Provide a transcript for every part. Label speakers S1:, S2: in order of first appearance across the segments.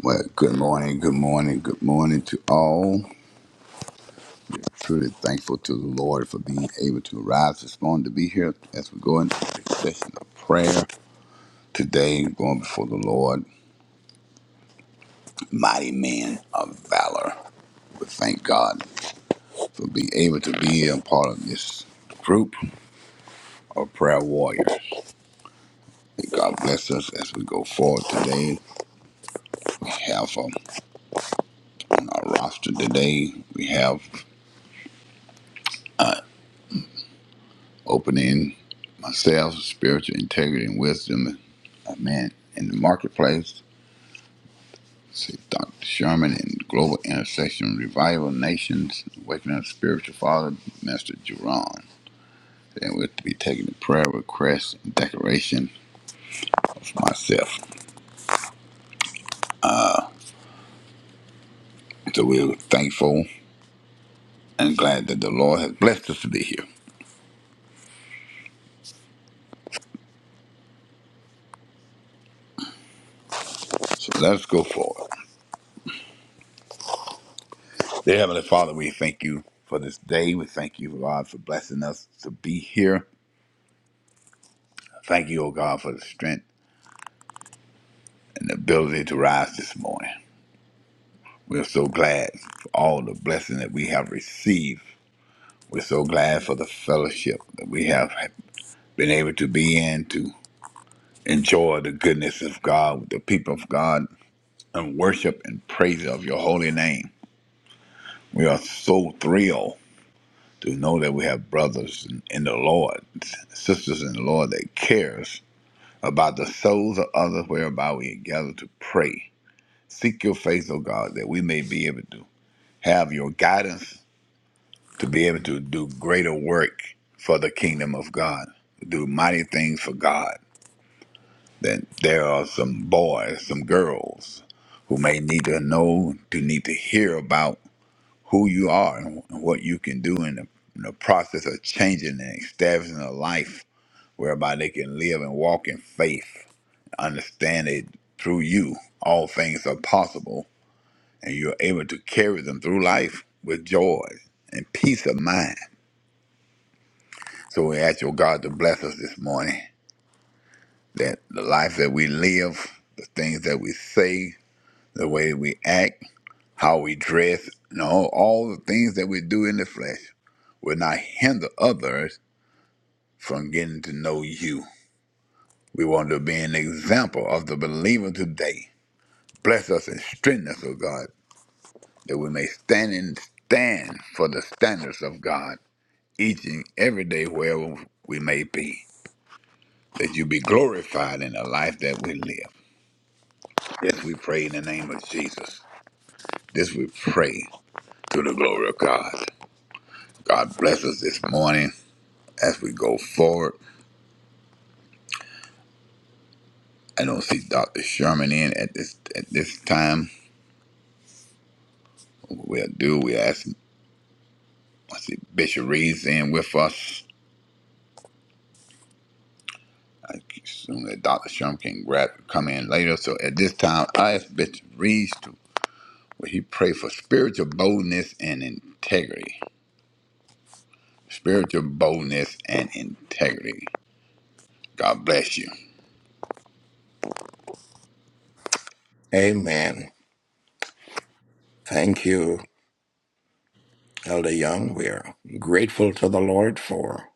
S1: Well, good morning, good morning, good morning to all. Truly thankful to the Lord for being able to arise this morning to be here as we go into the session of prayer today, going before the Lord, mighty man of valor. We thank God for being able to be a part of this group of prayer warriors. May God bless us as we go forward today. We have um, on our roster today, we have opening myself, spiritual integrity and wisdom, amen, in the marketplace. See Dr. Sherman in Global Intersection Revival Nations, Waking Up Spiritual Father, Master Jerron. And we'll be taking the prayer request and declaration of myself. So we're thankful and glad that the Lord has blessed us to be here. So let's go forward. Dear Heavenly Father, we thank you for this day. We thank you, God, for blessing us to be here. Thank you, oh God, for the strength and the ability to rise this morning. We're so glad for all the blessing that we have received. We're so glad for the fellowship that we have been able to be in to enjoy the goodness of God with the people of God and worship and praise of your holy name. We are so thrilled to know that we have brothers in in the Lord, sisters in the Lord that cares about the souls of others whereby we gather to pray. Seek your face, O God, that we may be able to have your guidance to be able to do greater work for the kingdom of God, do mighty things for God. Then there are some boys, some girls who may need to know, to need to hear about who you are and what you can do in the, in the process of changing and establishing a life whereby they can live and walk in faith, understand it through you. All things are possible, and you're able to carry them through life with joy and peace of mind So we ask your God to bless us this morning, that the life that we live, the things that we say, the way that we act, how we dress, and all, all the things that we do in the flesh will not hinder others from getting to know you. We want to be an example of the believer today. Bless us and strengthen us, O God, that we may stand and stand for the standards of God each and every day wherever we may be. That you be glorified in the life that we live. This we pray in the name of Jesus. This we pray to the glory of God. God bless us this morning as we go forward. I don't see Dr. Sherman in at this at this time. We'll do. We ask. I see Bishop Reed's in with us. I assume that Dr. Sherman can grab come in later. So at this time, I ask Bishop Reed to will he pray for spiritual boldness and integrity. Spiritual boldness and integrity. God bless you.
S2: Amen. Thank you, Elder Young. We're grateful to the Lord for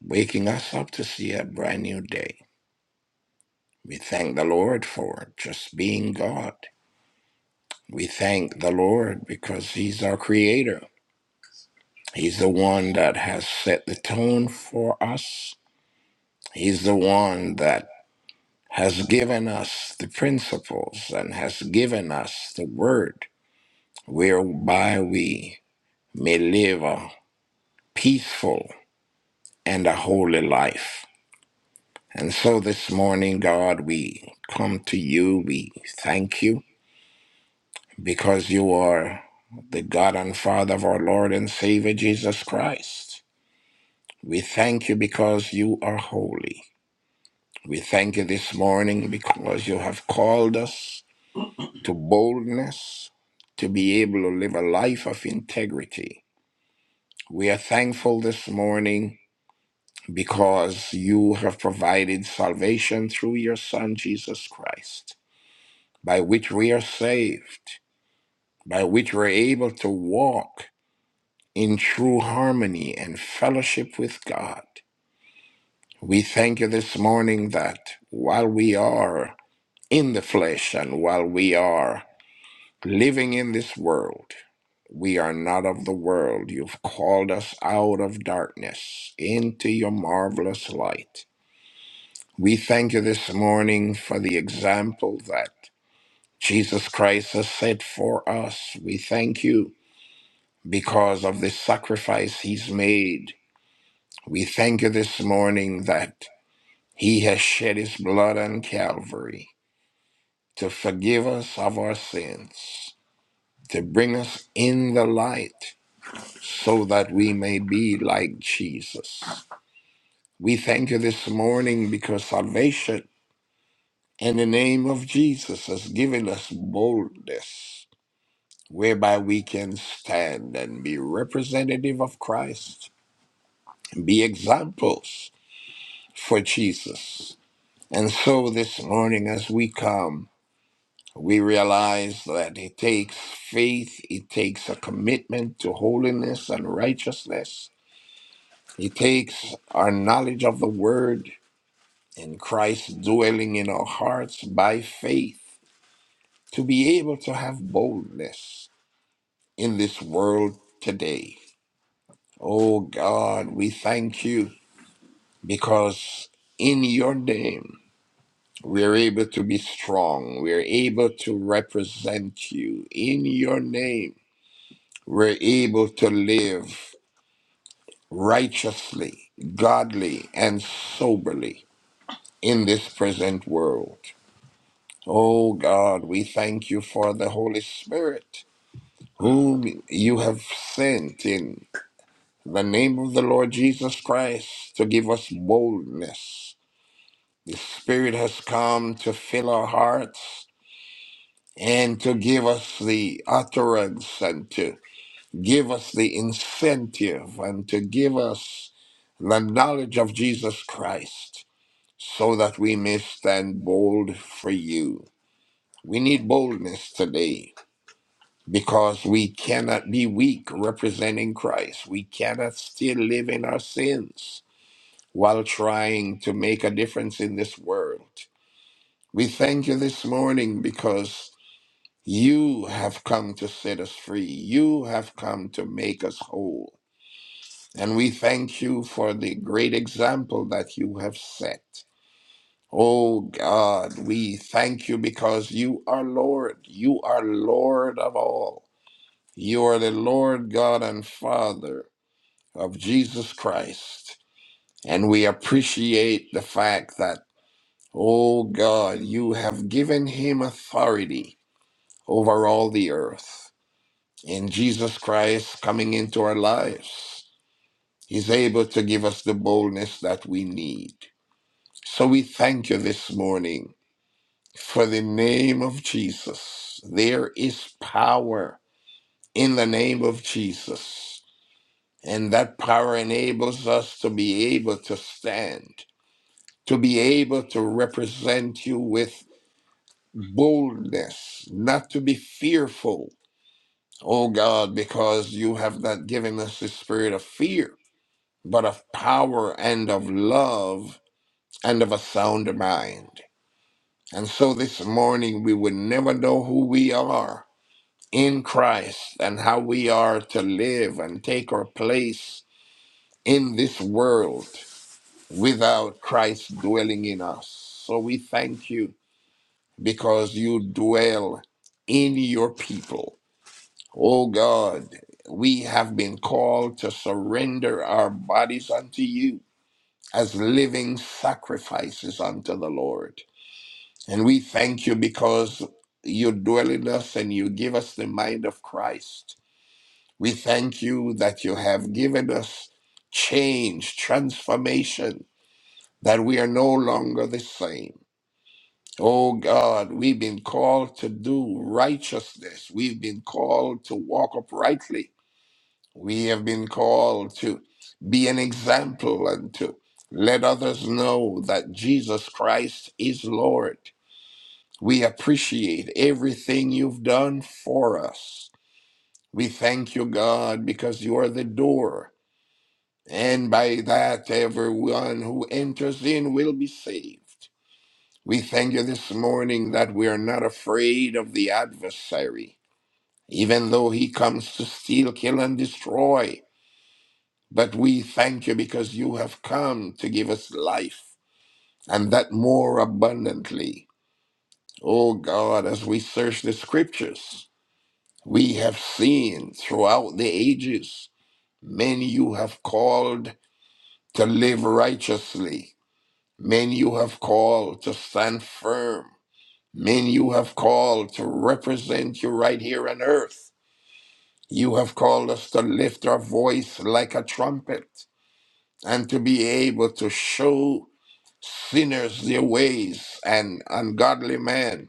S2: waking us up to see a brand new day. We thank the Lord for just being God. We thank the Lord because He's our Creator. He's the one that has set the tone for us. He's the one that has given us the principles and has given us the word whereby we may live a peaceful and a holy life. And so this morning, God, we come to you. We thank you because you are the God and Father of our Lord and Savior Jesus Christ. We thank you because you are holy. We thank you this morning because you have called us to boldness, to be able to live a life of integrity. We are thankful this morning because you have provided salvation through your Son, Jesus Christ, by which we are saved, by which we're able to walk in true harmony and fellowship with God. We thank you this morning that while we are in the flesh and while we are living in this world, we are not of the world. You've called us out of darkness into your marvelous light. We thank you this morning for the example that Jesus Christ has set for us. We thank you because of the sacrifice he's made. We thank you this morning that he has shed his blood on Calvary to forgive us of our sins, to bring us in the light so that we may be like Jesus. We thank you this morning because salvation And the name of Jesus has given us boldness whereby we can stand and be representative of Christ, be examples for Jesus. And so this morning, as we come, we realize that it takes faith, it takes a commitment to holiness and righteousness, it takes our knowledge of the Word and Christ dwelling in our hearts by faith to be able to have boldness in this world today. Oh God, we thank you because in your name we are able to be strong. We are able to represent you. In your name we're able to live righteously, godly, and soberly in this present world. Oh God, we thank you for the Holy Spirit whom you have sent in the name of the Lord Jesus Christ to give us boldness. The Spirit has come to fill our hearts and to give us the utterance and to give us the incentive and to give us the knowledge of Jesus Christ so that we may stand bold for you. We need boldness today because we cannot be weak representing Christ. We cannot still live in our sins while trying to make a difference in this world. We thank you this morning because you have come to set us free. You have come to make us whole. And we thank you for the great example that you have set. Oh God, we thank you because you are Lord. You are Lord of all. You are the Lord God and Father of Jesus Christ. And we appreciate the fact that O God, you have given him authority over all the earth. And Jesus Christ coming into our lives, he's able to give us the boldness that we need. So we thank you this morning for the name of Jesus. There is power in the name of Jesus. And that power enables us to be able to stand, to be able to represent you with boldness, not to be fearful, oh God, because you have not given us the spirit of fear, but of power and of love and of a sound mind. And so this morning we would never know who we are in Christ and how we are to live and take our place in this world without Christ dwelling in us. So we thank you because you dwell in your people. Oh God, we have been called to surrender our bodies unto you as living sacrifices unto the Lord. And we thank you because you dwell in us and you give us the mind of Christ. We thank you that you have given us change, transformation, that we are no longer the same. Oh God, we've been called to do righteousness. We've been called to walk uprightly. We have been called to be an example and to let others know that Jesus Christ is Lord. We appreciate everything you've done for us. We thank you, God, because you are the door. And by that, everyone who enters in will be saved. We thank you this morning that we are not afraid of the adversary, even though he comes to steal, kill, and destroy. But we thank you because you have come to give us life and that more abundantly. Oh God, as we search the scriptures, we have seen throughout the ages men you have called to live righteously, men you have called to stand firm, men you have called to represent you right here on earth. You have called us to lift our voice like a trumpet. and to be able to show sinners their ways and ungodly men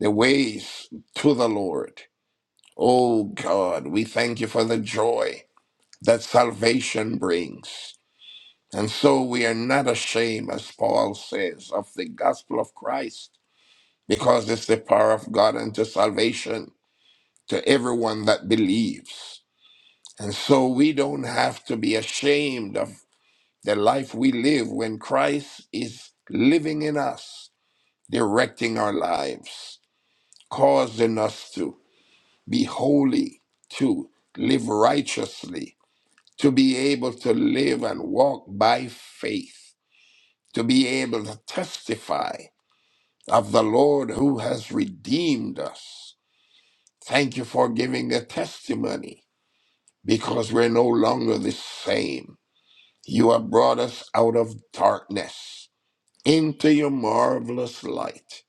S2: their ways to the Lord. Oh God, we thank you for the joy that salvation brings. And so we are not ashamed, as Paul says, of the gospel of Christ, because it's the power of God unto salvation to everyone that believes. And so we don't have to be ashamed of the life we live when Christ is living in us, directing our lives, causing us to be holy, to live righteously, to be able to live and walk by faith, to be able to testify of the Lord who has redeemed us. Thank you for giving the testimony because we're no longer the same. You have brought us out of darkness into your marvelous light.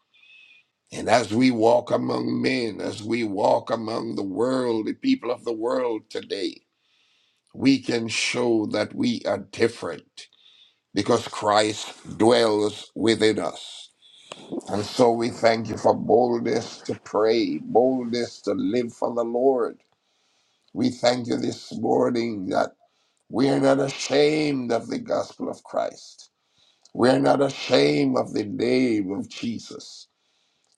S2: And as we walk among men, as we walk among the world, the people of the world today, we can show that we are different because Christ dwells within us. And so we thank you for boldness to pray, boldness to live for the Lord. We thank you this morning that we are not ashamed of the gospel of Christ. We are not ashamed of the name of Jesus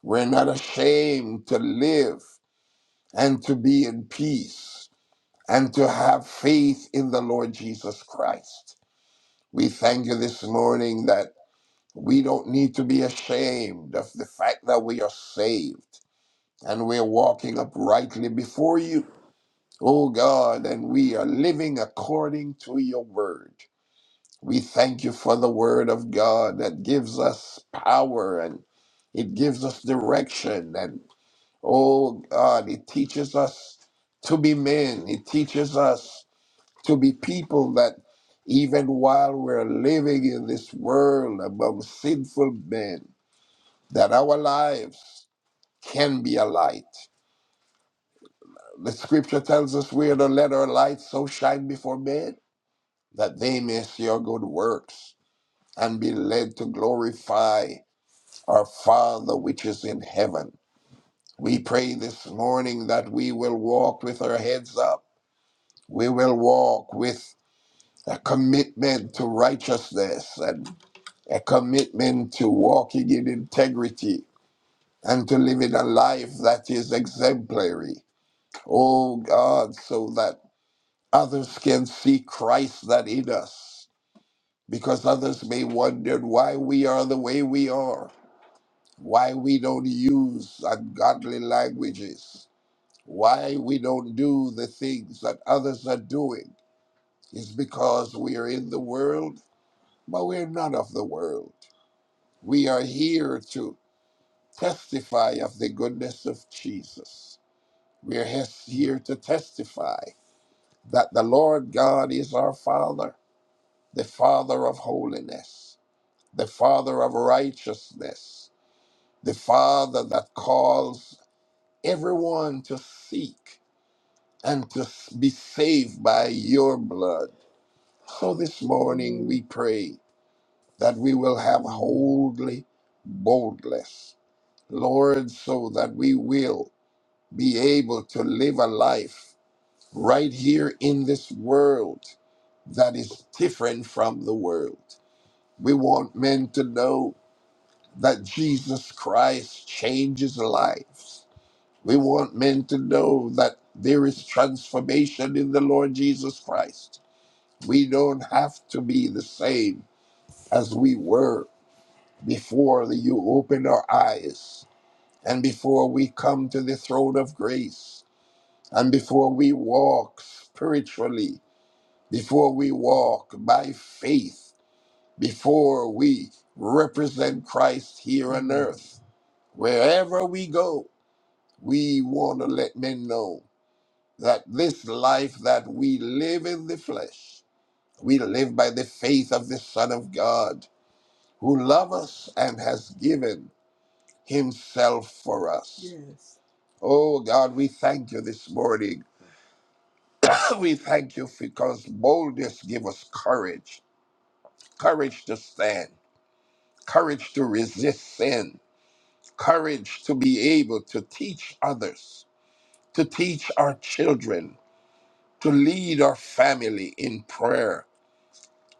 S2: We're not ashamed to live and to be in peace and to have faith in the Lord Jesus Christ. We thank you this morning that we don't need to be ashamed of the fact that we are saved and we're walking uprightly before you, oh God, and we are living according to your word. We thank you for the word of God that gives us power and it gives us direction and. Oh God, it teaches us to be men. It teaches us to be people that even while we're living in this world among sinful men, that our lives can be a light. The scripture tells us we are to let our light so shine before men that they may see our good works and be led to glorify our Father which is in heaven. We pray this morning that we will walk with our heads up we will walk with a commitment to righteousness and a commitment to walking in integrity and to living a life that is exemplary. Oh God, so that others can see Christ that in us, because others may wonder why we are the way we are, why we don't use ungodly languages, why we don't do the things that others are doing. It's because we are in the world but we're not of the world. We are here to testify of the goodness of Jesus. We are hes- here to testify that the Lord God is our Father, the Father of holiness, the Father of righteousness, the Father that calls everyone to seek and to s- be saved by your blood. So this morning we pray that we will have holy boldness Lord, so that we will be able to live a life right here in this world that is different from the world. We want men to know that Jesus Christ changes lives. We want men to know that there is transformation in the Lord Jesus Christ. We don't have to be the same as we were before you opened our eyes and before we come to the throne of grace And before we walk spiritually, before we walk by faith, before we represent Christ here on earth, wherever we go, we want to let men know that this life that we live in the flesh, we live by the faith of the Son of God who loved us and has given himself for us. Yes. Oh God, we thank you this morning we thank you because boldness gives us courage courage to stand courage to resist sin courage to be able to teach others to teach our children to lead our family in prayer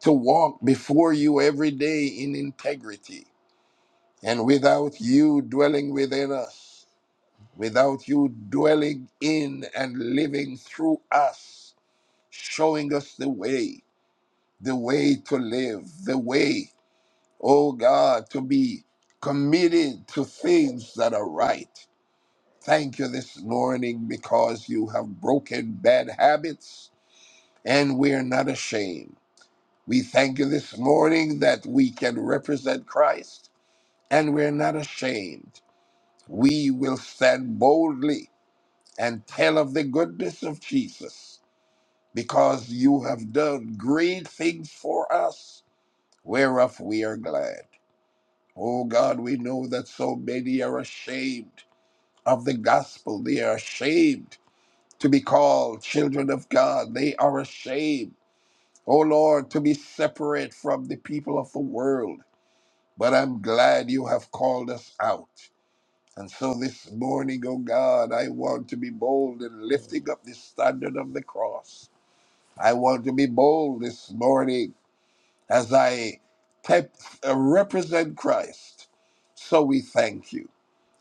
S2: to walk before you every day in integrity and without you dwelling within us without you dwelling in and living through us showing us the way the way to live, the way, oh God, to be committed to things that are right. Thank you this morning because you have broken bad habits and we are not ashamed. We thank you this morning that we can represent Christ and we're not ashamed. We will stand boldly and tell of the goodness of Jesus because you have done great things for us, whereof we are glad. Oh God, we know that so many are ashamed of the gospel. They are ashamed to be called children of God. They are ashamed, oh Lord, to be separate from the people of the world. But I'm glad you have called us out. And so this morning, oh God, I want to be bold in lifting up the standard of the cross. I want to be bold this morning as I type, uh, represent Christ. So we thank you.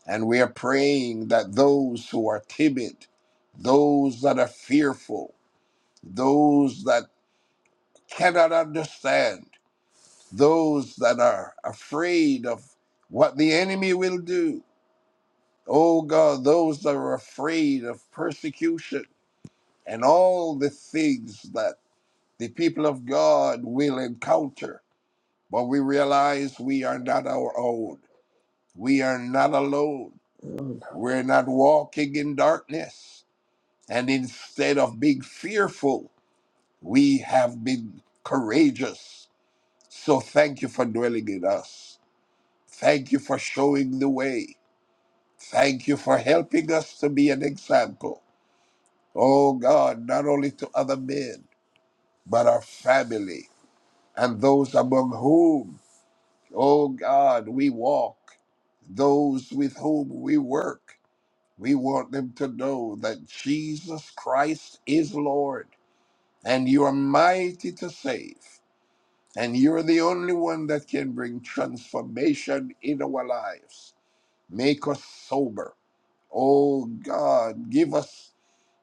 S2: And we are praying that those who are timid, those that are fearful, those that cannot understand, those that are afraid of what the enemy will do, oh God, those that are afraid of persecution and all the things that the people of God will encounter. But we realize we are not our own. We are not alone. We're not walking in darkness. And instead of being fearful, we have been courageous. So thank you for dwelling in us. Thank you for showing the way. Thank you for helping us to be an example. Oh God, not only to other men, but our family and those among whom, oh God, we walk, those with whom we work. We want them to know that Jesus Christ is Lord and you are mighty to save. And you're the only one that can bring transformation in our lives. Make us sober. Oh God, give us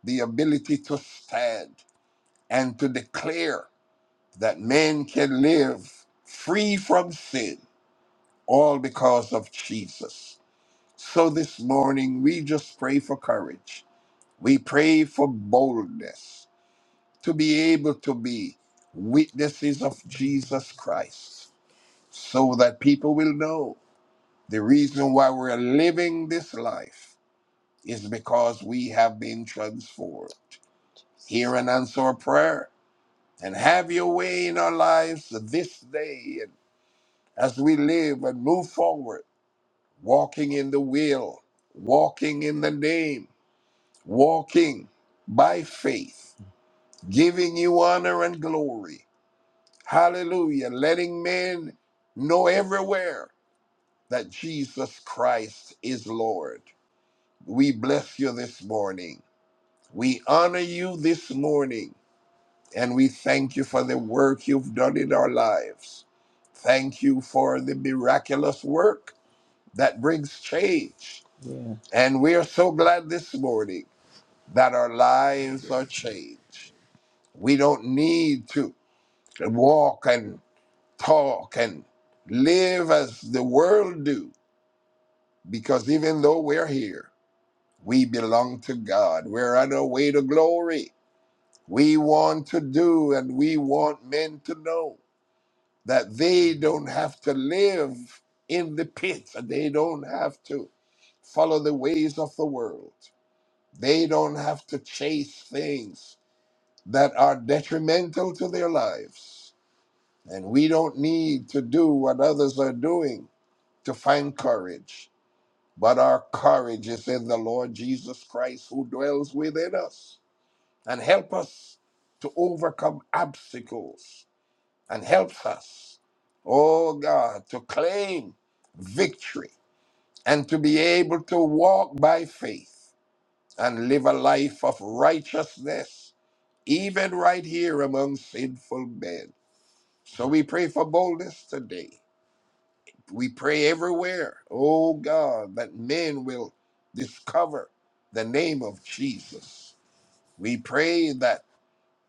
S2: the ability to stand and to declare that men can live free from sin, all because of Jesus. So this morning, we just pray for courage. We pray for boldness. to be able to be witnesses of Jesus Christ so that people will know the reason why we're living this life is because we have been transformed. Hear and answer our prayer and have your way in our lives this day and as we live and move forward, walking in the will, walking in the name, walking by faith, giving you honor and glory Hallelujah. Letting men know everywhere that Jesus Christ is Lord. We bless you this morning. We honor you this morning. And we thank you for the work you've done in our lives. Thank you for the miraculous work that brings change. Yeah. And we are so glad this morning that our lives are changed. We don't need to walk and talk and live as the world do because even though we're here we belong to god we're on our way to glory we want to do and we want men to know that they don't have to live in the pit and they don't have to follow the ways of the world they don't have to chase things that are detrimental to their lives and we don't need to do what others are doing to find courage, but our courage is in the Lord Jesus Christ who dwells within us and help us to overcome obstacles and helps us, oh God, to claim victory and to be able to walk by faith and live a life of righteousness, even right here among sinful men. So we pray for boldness today. We pray everywhere, oh God, that men will discover the name of Jesus. We pray that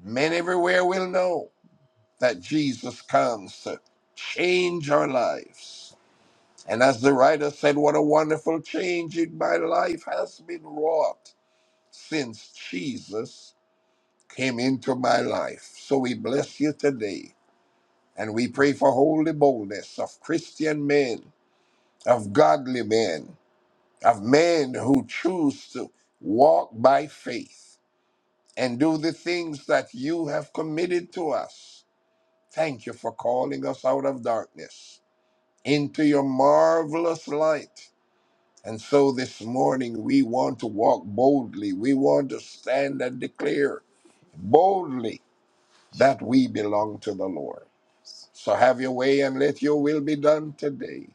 S2: men everywhere will know that Jesus comes to change our lives. And as the writer said, what a wonderful change in my life has been wrought since Jesus came into my life. So we bless you today. And we pray for holy boldness of Christian men, of godly men, of men who choose to walk by faith and do the things that you have committed to us. Thank you for calling us out of darkness into your marvelous light. And so this morning, we want to walk boldly. We want to stand and declare boldly that we belong to the Lord. So have your way and let your will be done today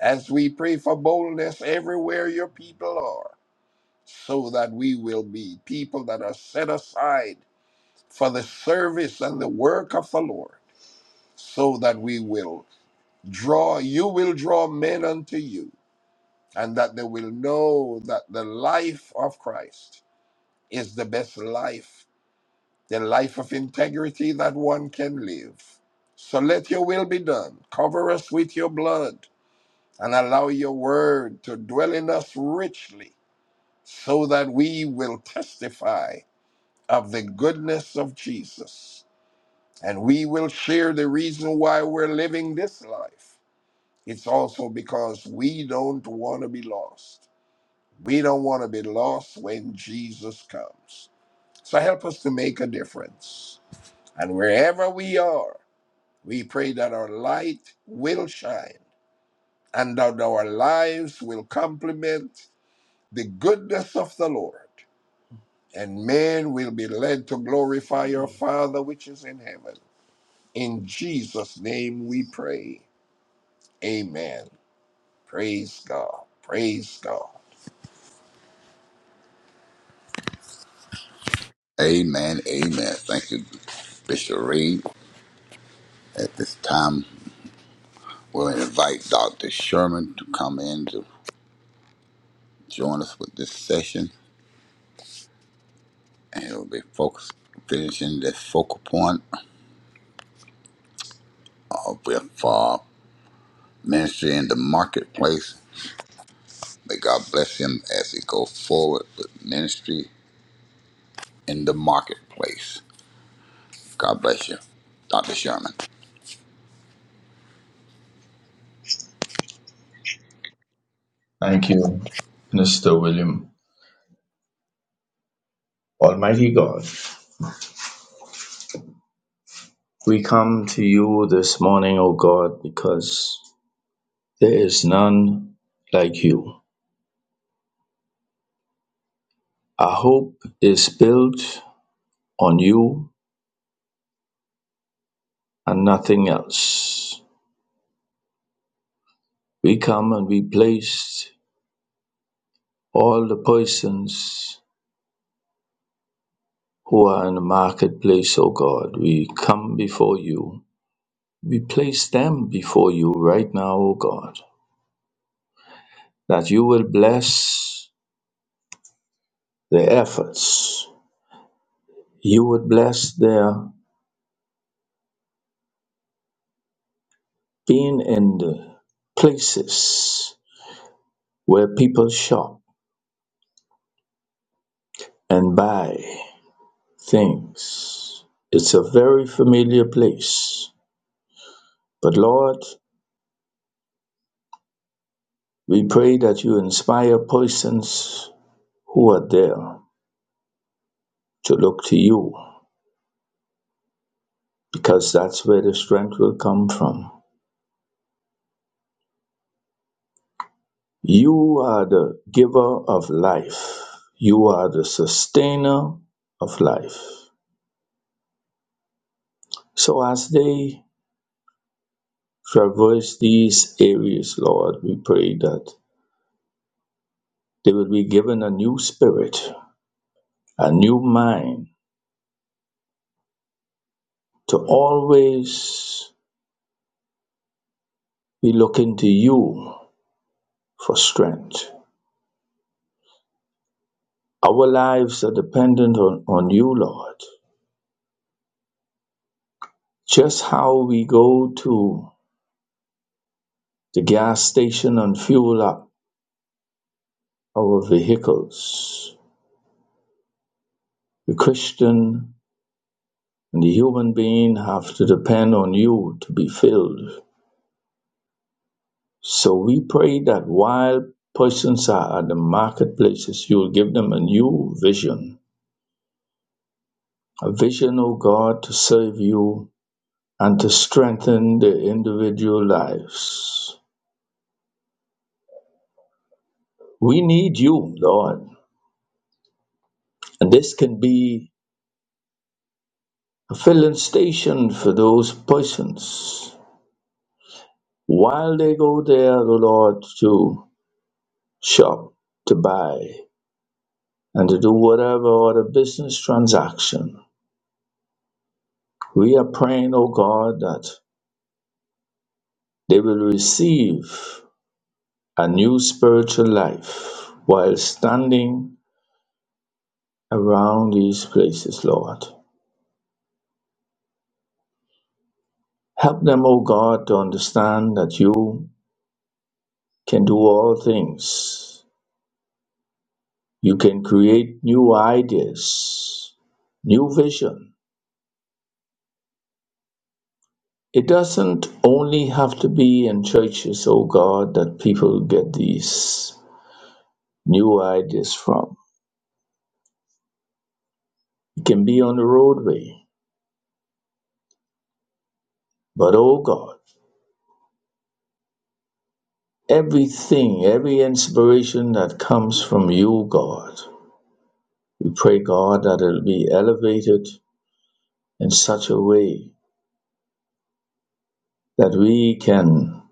S2: as we pray for boldness everywhere your people are. so that we will be people that are set aside for the service and the work of the Lord, so that we will draw, you will draw men unto you, and that they will know that the life of Christ is the best life, the life of integrity that one can live. So let your will be done. Cover us with your blood and allow your word to dwell in us richly so that we will testify of the goodness of Jesus. And we will share the reason why we're living this life. It's also because we don't want to be lost. We don't want to be lost when Jesus comes. So help us to make a difference. And wherever we are, we pray that our light will shine and that our lives will complement the goodness of the Lord. And men will be led to glorify your Father which is in heaven. In Jesus' name we pray. Amen. Praise God. Praise God.
S1: Amen, amen. Thank you, Bishop Reed. At this time, we'll invite Dr. Sherman to come in to join us with this session, and it'll be focused, finishing the focal point of with uh, ministry in the marketplace. May God bless him as he goes forward with ministry in the marketplace. God bless you, Dr. Sherman.
S3: Thank you, Mr. William. Almighty God, we come to you this morning, O God, because there is none like you. Our hope is built on you and nothing else. We come and we place all the persons who are in the marketplace, O God. We come before you. We place them before you right now, O God, that you will bless their efforts You would bless their being in the places where people shop and buy things. It's a very familiar place. But Lord, we pray that you inspire persons who are there to look to you because that's where the strength will come from. You are the giver of life, you are the sustainer of life. So as they Traverse these areas, Lord. We pray that they will be given a new spirit, a new mind to always be looking to you for strength. Our lives are dependent on, on you, Lord. Just how we go to the gas station and fuel up our vehicles, the Christian and the human being have to depend on you to be filled So we pray that while persons are at the marketplaces, you will give them a new vision. A vision, O God, to serve you and to strengthen their individual lives. We need you, Lord. And this can be a filling station for those persons. While they go there, O Lord, to shop, to buy, and to do whatever other business transaction, we are praying, O God, that They will receive a new spiritual life while standing around these places, Lord. Help them, O God, to understand that you can do all things. You can create new ideas, new vision. It doesn't only have to be in churches, O God, that people get these new ideas from. It can be on the roadway. But, O God, everything, every inspiration that comes from you, God. We pray, God, that it'll be elevated in such a way that we can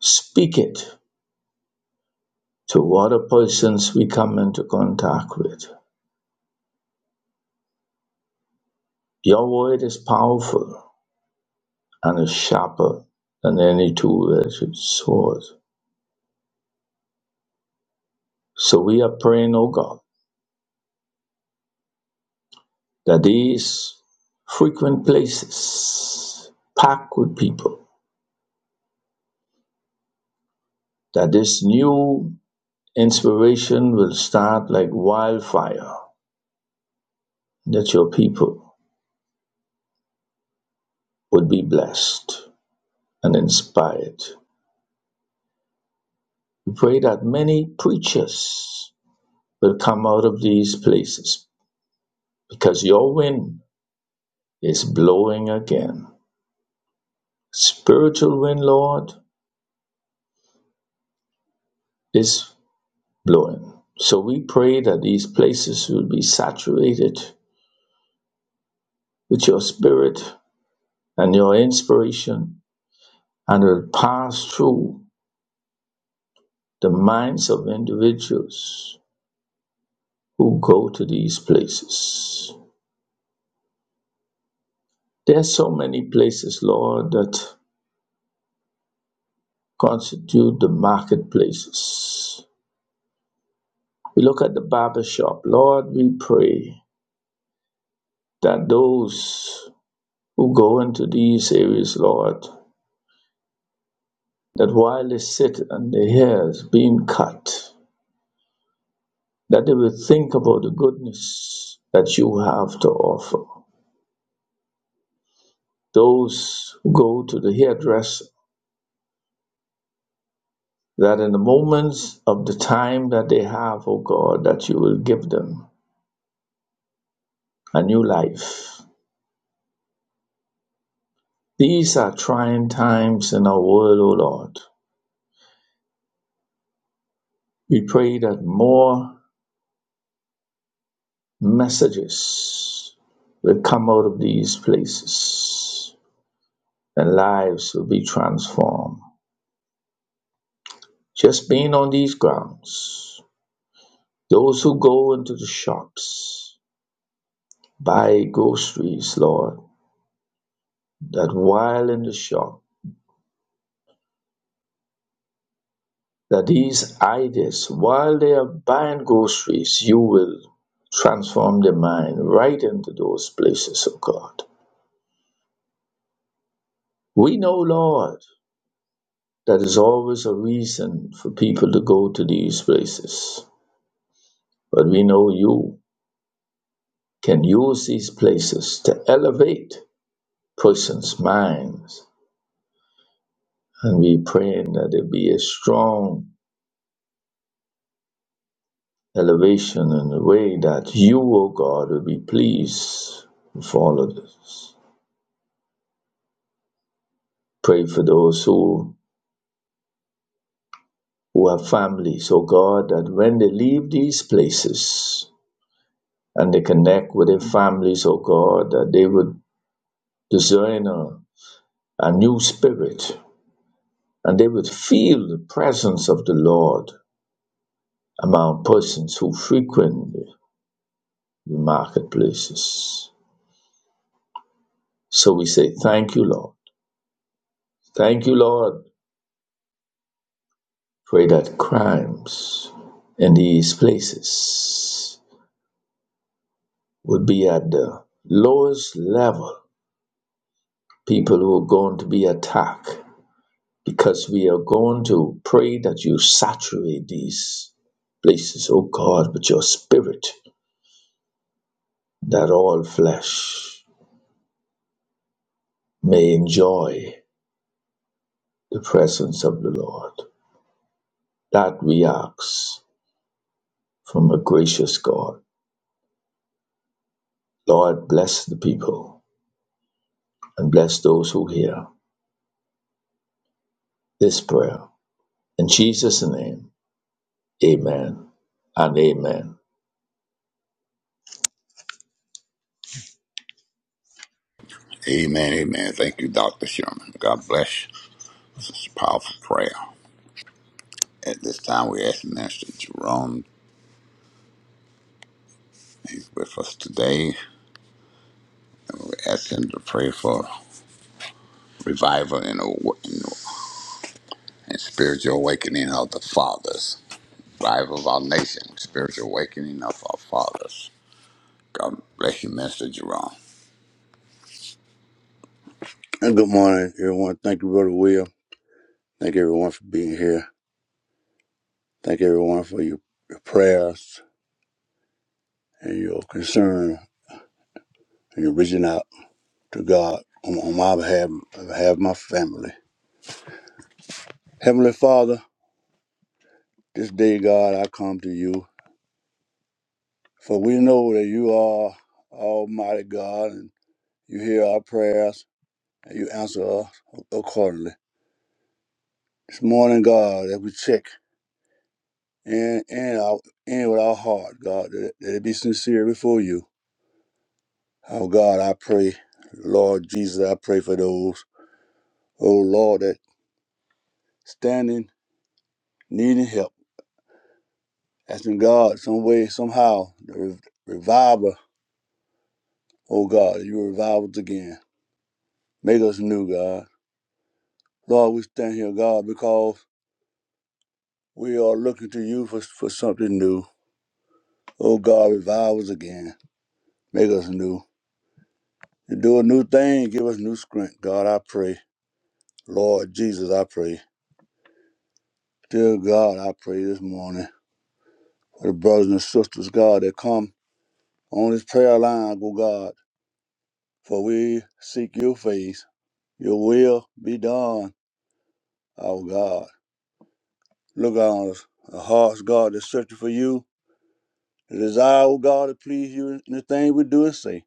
S3: speak it to other persons we come into contact with. Your word is powerful and is sharper than any two-edged sword. So we are praying, O God, that these frequent places packed with people, that this new Inspiration will start like wildfire that your people would be blessed and inspired. We pray that many preachers will come out of these places because your wind is blowing again. Spiritual wind, Lord, is blowing. So we pray that these places will be saturated with your spirit and your inspiration and will pass through the minds of individuals who go to these places. There's so many places, Lord, that constitute the marketplaces. We look at the barber shop. Lord, we pray that those who go into these areas, Lord, that while they sit and their hair is being cut, that they will think about the goodness that you have to offer. Those who go to the hairdresser, that in the moments of the time that they have, oh God, that you will give them a new life. These are trying times in our world, oh Lord. We pray that more messages will come out of these places and lives will be transformed. Just being on these grounds, those who go into the shops, buy groceries, Lord, that while in the shop, that these ideas, while they are buying groceries, you will transform their mind right into those places, oh God. We know, Lord, that is always a reason for people to go to these places, but we know you can use these places to elevate persons' minds. And we praying that there be a strong elevation in the way that you, O God, will be pleased with all of this. Pray for those who, who have families, oh God, that when they leave these places and they connect with their families, oh God, that they would discern a, a new spirit and they would feel the presence of the Lord among persons who frequent the marketplaces. So we say, Thank you, Lord. Thank you, Lord. Pray that crimes in these places would be at the lowest level people who are going to be attacked because we are going to pray that you saturate these places, oh God, with your spirit, that all flesh may enjoy the presence of the Lord. That we ask from a gracious God. Lord, bless the people and bless those who hear this prayer. In Jesus' name, amen and amen.
S1: Amen, amen. Thank you, Dr. Sherman. God bless. This is a powerful prayer. At this time, we ask Minister Jerome, he's with us today, and we ask him to pray for revival and, awa- and and spiritual awakening of the fathers, revival of our nation, spiritual awakening of our fathers. God bless you, Minister Jerome.
S4: And Good morning, everyone. Thank you, Brother Will. Thank everyone for being here. Thank everyone for your, your prayers and your concern and your reaching out to God on, on my behalf, on behalf of my family. Heavenly Father, this day, God, I come to you, for we know that you are Almighty God and you hear our prayers and you answer us accordingly. This morning, God, that we check in, in, our, in with our heart, God, that, that it be sincere before you. Oh God, I pray, Lord Jesus, I pray for those, oh Lord, that standing, needing help, asking God some way, somehow, the re- reviver, oh God, you revive us again. Make us new, God. Lord, we stand here, God, because we are looking to you for, for something new. Oh God, revive us again. Make us new. You do a new thing, give us new strength, God, I pray. Lord Jesus, I pray. Dear God, I pray this morning for the brothers and sisters, God, that come. on this prayer line, O God, for we seek your face. Your will be done, our God. Look on us, our hearts, God, that's searching for you. The desire, O God, to please you in the thing we do and say.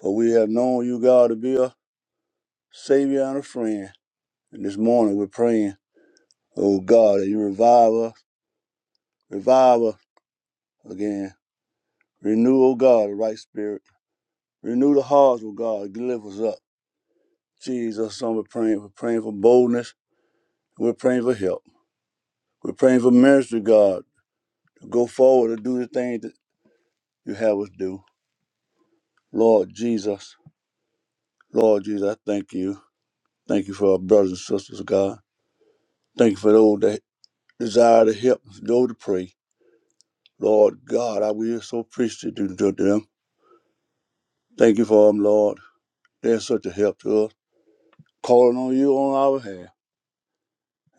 S4: For we have known you, God, to be a Savior and a friend. And this morning we're praying, O God, that you revive us, revive us again. Renew, O God, the right spirit. Renew the hearts, O God, lift us up. Jesus, son, we're praying, we're praying for boldness. We're praying for help. We're praying for ministry, God, to go forward to do the things that you have us do. Lord Jesus, Lord Jesus, I thank you. Thank you for our brothers and sisters, God. Thank you for those that desire to help, those to pray. Lord God, I will so appreciative to them. Thank you for them, Lord. They're such a help to us. Calling on you on our behalf.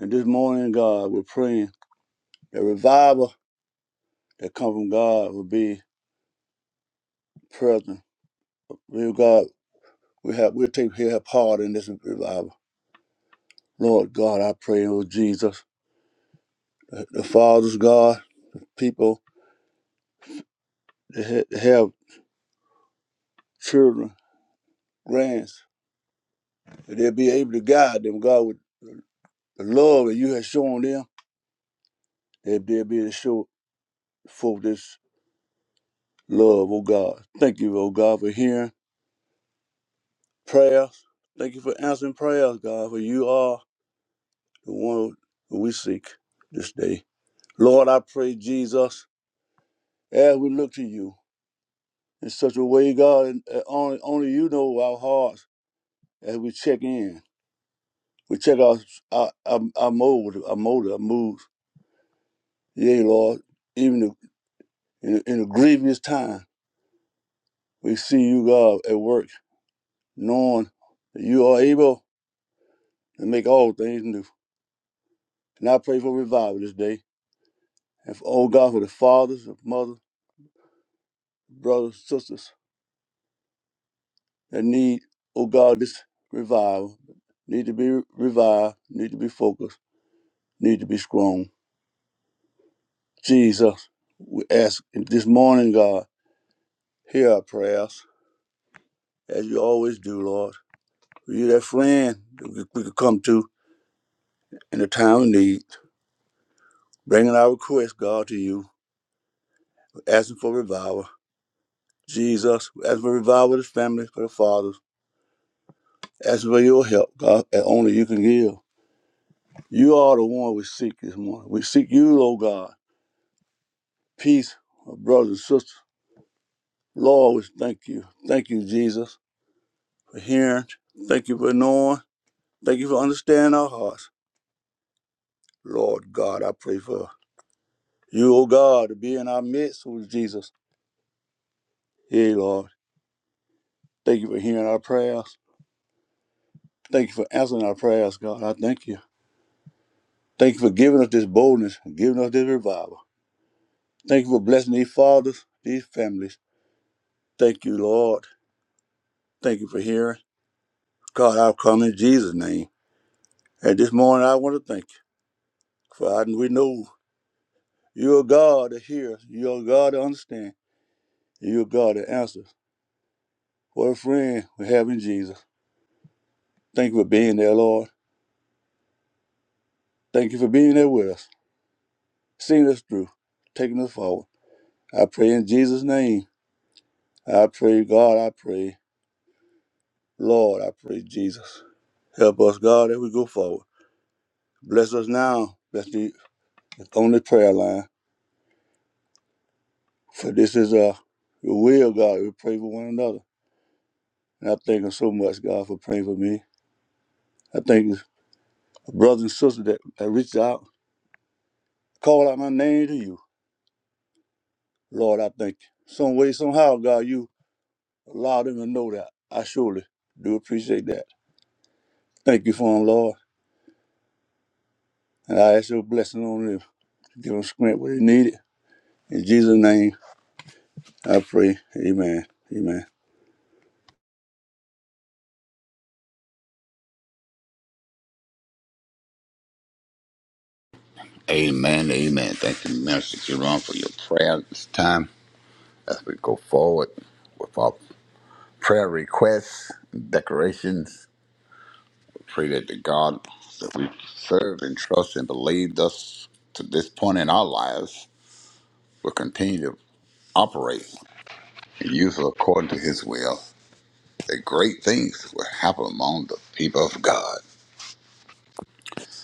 S4: And this morning, God, we're praying that revival that come from God will be present. Real God, we have we'll take we have part in this revival. Lord God, I pray, oh Jesus, that the fathers, God, people that ha- have children, grands, that they'll be able to guide them, God, with the love that you have shown them, that they'll be able to show for this love, oh God. Thank you, oh God, for hearing prayers. Thank you for answering prayers, God, for you are the one who we seek this day. Lord, I pray, Jesus, as we look to you in such a way, God, and only, only you know our hearts as we check in. We check our our, our, our mold, our mold, our moods. Yea, Lord, even in, in a grievous time, we see you, God, at work, knowing that you are able to make all things new. And I pray for revival this day. And for, oh God, for the fathers, the mothers, brothers, sisters that need, oh God, this revival, need to be revived, need to be focused, need to be strong. Jesus, we ask this morning, God, hear our prayers as you always do, Lord. you that friend that we could come to in the time of need, bringing our request, God, to you, asking for revival. Jesus, asking for revival of the family, for the fathers, asking for your help, God, that only you can give. You are the one we seek this morning. We seek you, O God. Peace, our brothers and sisters. Lord, we thank you. Thank you, Jesus, for hearing. Thank you for knowing. Thank you for understanding our hearts. Lord God, I pray for you, O God, to be in our midst, O Jesus. Hey, Lord. Thank you for hearing our prayers. Thank you for answering our prayers, God. I thank you. Thank you for giving us this boldness and giving us this revival. Thank you for blessing these fathers, these families. Thank you, Lord. Thank you for hearing. God, I've come in Jesus' name. And this morning, I want to thank you. For I, we know you're a God that hears, you're a God that understands, you're a God that answers. What a friend we have in Jesus. Thank you for being there, Lord. Thank you for being there with us, seeing us through, taking us forward. I pray in Jesus' name. I pray, God, I pray, Lord, I pray, Jesus. Help us, God, as we go forward. Bless us now. Bless the, the only prayer line. For this is uh, your will, God. We pray for one another. And I thank you so much, God, for praying for me. I thank you, brothers and sisters that, that reached out, called out my name to you. Lord, I thank you. Some way, somehow, God, you allowed them to know that. I surely do appreciate that. Thank you for them, Lord. And I ask your blessing on them. Give them strength where they need it. In Jesus' name. I pray. Amen. Amen.
S1: Amen, amen. Thank you, Minister Jerome, for your prayer at this time as we go forward with our prayer requests, decorations, Pray that the God that we serve and trust and believe thus to this point in our lives will continue to operate and use us according to his will. That great things will happen among the people of God.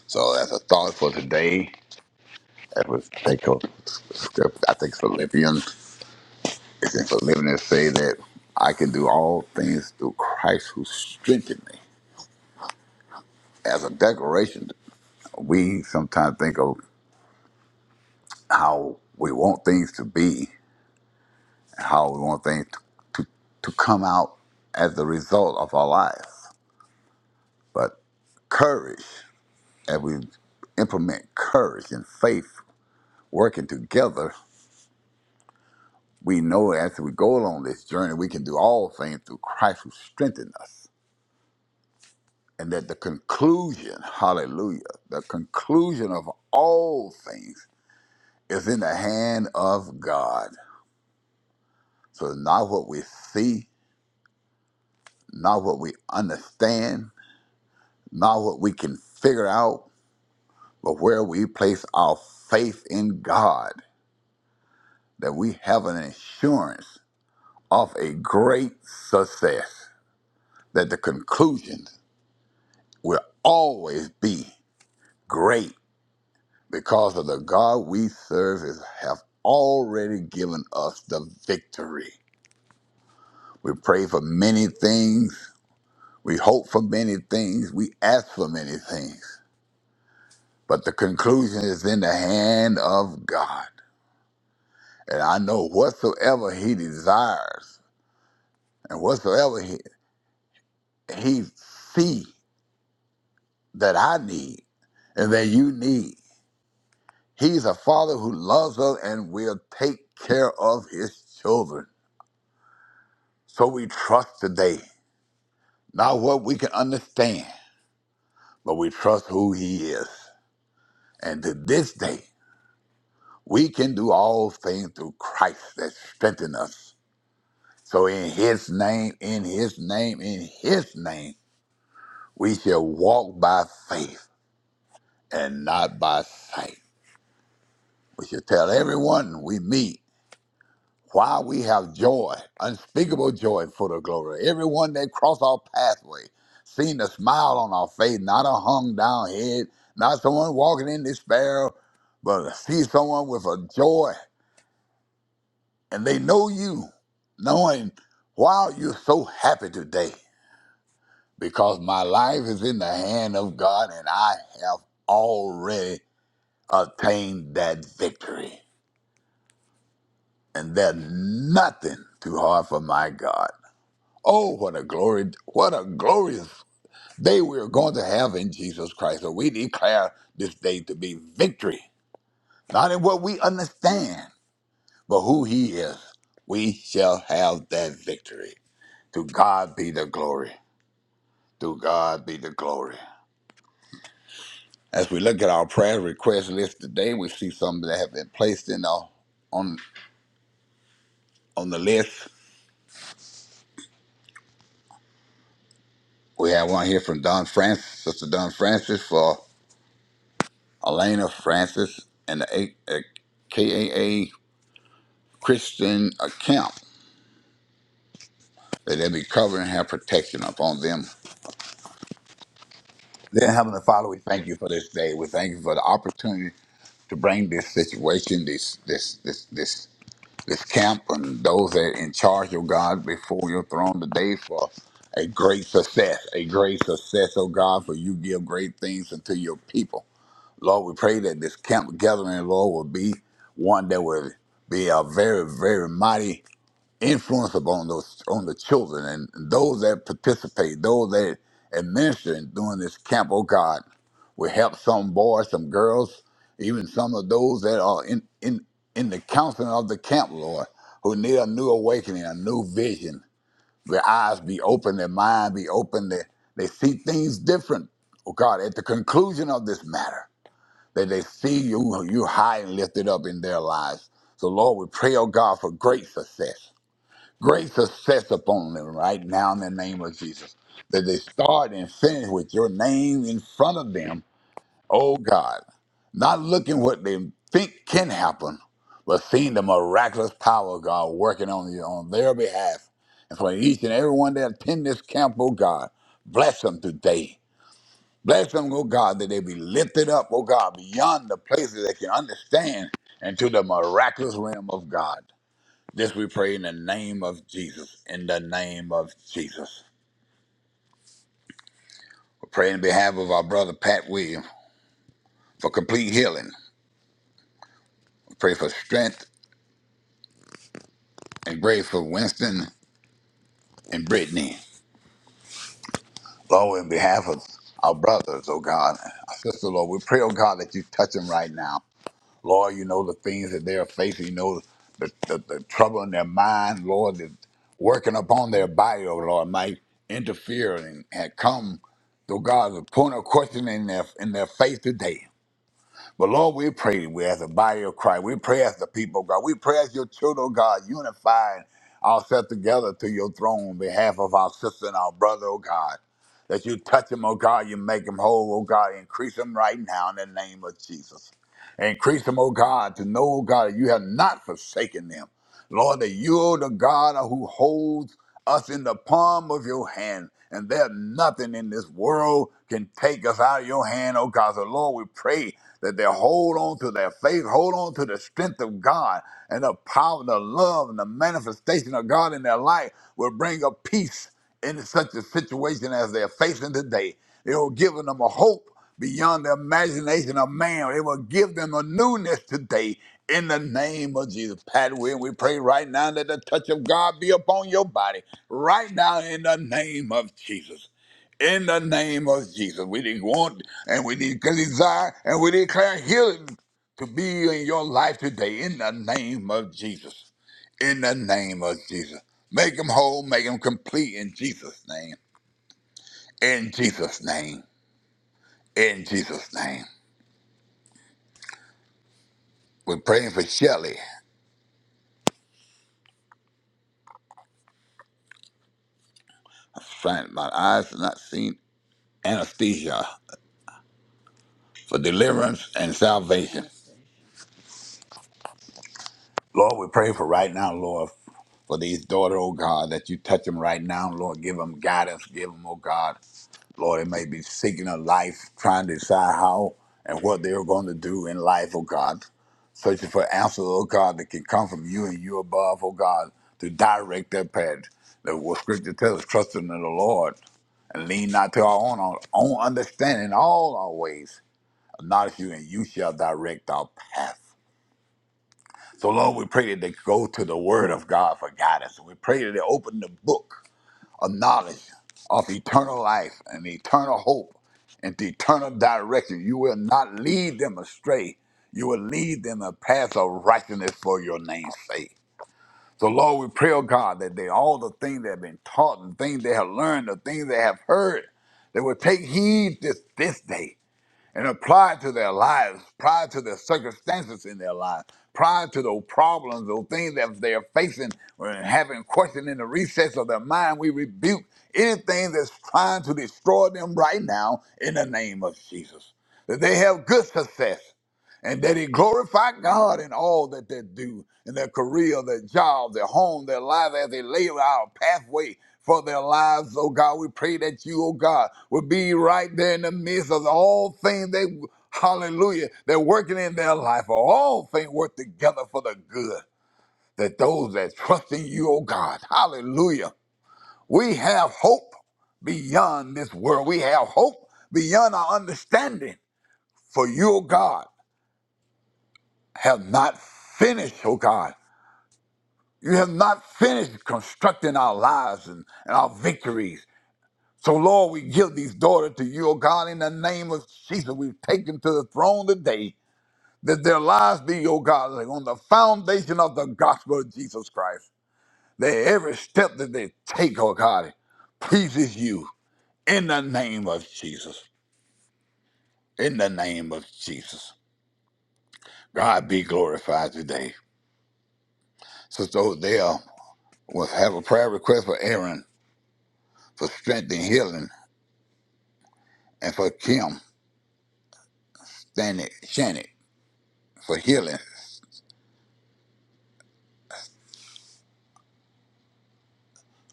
S1: So that's a thought for today. That was take a script. I think Philippians. It's in Philippians say that I can do all things through Christ who strengthened me. As a declaration, we sometimes think of how we want things to be, how we want things to, to, to come out as a result of our lives. But courage, as we implement courage and faith working together, we know as we go along this journey, we can do all things through Christ who strengthens us. And that the conclusion, hallelujah, the conclusion of all things is in the hand of God. So not what we see, not what we understand, not what we can figure out, but where we place our faith in God, that we have an assurance of a great success, that the conclusion will always be great because of the God we serve is, have already given us the victory. We pray for many things, we hope for many things, we ask for many things, but the conclusion is in the hand of God. And I know whatsoever He desires and whatsoever he, he see that I need and that you need. He's a father who loves us and will take care of his children. So we trust today, not what we can understand, but we trust who he is. And to this day, we can do all things through Christ that strengthens us. So in his name, in his name, in his name, we shall walk by faith and not by sight. We should tell everyone we meet why we have joy, unspeakable joy for the glory. Everyone that cross our pathway, seeing a smile on our face, not a hung down head, not someone walking in despair, but see someone with a joy and they know you, knowing why you're so happy today. Because my life is in the hand of God and I have already attained that victory. and there's nothing too hard for my God. Oh, what a glory, what a glorious day we're going to have in Jesus Christ. So we declare this day to be victory, not in what we understand, but who He is. We shall have that victory. To God be the glory. To God be the glory. As we look at our prayer request list today, we see some that have been placed in our, on on the list. We have one here from Don Francis, Sister Don Francis for Elena Francis, and the A- uh, KAA Christian uh, Camp, that they be covering and have protection upon them. Then, Heavenly Father, we thank you for this day. We thank you for the opportunity to bring this situation, this this this this this camp, and those that are in charge, oh God, before your throne today for a great success, a great success, oh God, for you give great things unto your people. Lord, we pray that this camp gathering, Lord, will be one that will be a very, very mighty influence upon those on the children and those that participate, those that administer and doing this camp, oh God. We help some boys, some girls, even some of those that are in, in, in the counseling of the camp, Lord, who need a new awakening, a new vision. Their eyes be open, their mind be open, they, they see things different, oh God, at the conclusion of this matter that they see you, you high and lifted up in their lives. So, Lord, we pray, oh God, for great success. Great success upon them right now in the name of Jesus. That they start and finish with your name in front of them, oh God. Not looking what they think can happen, but seeing the miraculous power of God working on you on their behalf. And for each and every one that attend this camp, oh God, bless them today Bless them, oh God, that they be lifted up, oh God, beyond the places they can understand into the miraculous realm of God. This we pray in the name of Jesus. In the name of Jesus. We pray in behalf of our brother Pat Williams for complete healing. We pray for strength and grace for Winston and Brittany. Lord, in behalf of our brothers, oh God, our sister, Lord, we pray, oh God, that you touch them right now. Lord, you know the things that they are facing. You know the, the, the trouble in their mind, Lord, that working upon their body, oh Lord, might interfere and, and come, though God, the point of questioning in their, in their faith today. But Lord, we pray we as the body of Christ. We pray as the people of God. We pray as your children, of God, unifying ourselves together to your throne on behalf of our sister and our brother, oh God. That you touch them, oh God, you make them whole, oh God, increase them right now in the name of Jesus. Increase them, oh God, to know, oh God, that you have not forsaken them. Lord, that you're the God who holds us in the palm of your hand. And that nothing in this world can take us out of your hand, oh God. So, Lord, we pray that they hold on to their faith, hold on to the strength of God and the power, the love, and the manifestation of God in their life will bring a peace in such a situation as they're facing today. It will give them a hope beyond the imagination of man. It will give them a newness today in the name of Jesus. Pat, we, we pray right now that the touch of God be upon your body right now in the name of Jesus. In the name of Jesus, we didn't want and we need desire and we declare healing to be in your life today in the name of Jesus. In the name of Jesus. Make them whole, make them complete in Jesus' name. In Jesus' name. In Jesus' name. We're praying for Shelley. Frank, my eyes have not seen anesthesia for deliverance and salvation. Lord, we pray for right now, Lord, for these daughter, oh God, that you touch them right now, Lord. Give them guidance, give them, oh God. Lord, they may be seeking a life, trying to decide how and what they're going to do in life, oh God. Searching for answers, oh God, that can come from you and you above, oh God, to direct their path. The what scripture tells us, trust in the Lord and lean not to our own, our own understanding in all our ways. Acknowledge you, and you shall direct our path. So, Lord, we pray that they go to the Word of God for guidance. And we pray that they open the book of knowledge of eternal life and eternal hope and the eternal direction. You will not lead them astray. You will lead them a path of righteousness for your name's sake. So Lord, we pray, oh God, that they all the things that have been taught, the things they have learned, the things they have heard, they will take heed this this day and apply it to their lives, apply it to the circumstances in their lives, apply it to those problems, those things that they are facing or having questioned in the recess of their mind. We rebuke anything that's trying to destroy them right now in the name of Jesus. That they have good success and that it glorify God in all that they do, in their career, their job, their home, their life, as they lay out a pathway for their lives. Oh God, we pray that you, oh God, will be right there in the midst of all things they, hallelujah, they're working in their life, for all things work together for the good. That those that trust in you, oh God, hallelujah, we have hope beyond this world. We have hope beyond our understanding for you, oh God have not finished, oh God. You have not finished constructing our lives and, and our victories. So, Lord, we give these daughters to you, oh God, in the name of Jesus. We've taken to the throne today that their lives be, oh God, like on the foundation of the gospel of Jesus Christ. That every step that they take, oh God, pleases you in the name of Jesus. In the name of Jesus. God be glorified today. Sister Odell will have a prayer request for Aaron. for strength and healing, and for Kim Stanek Shannon for healing.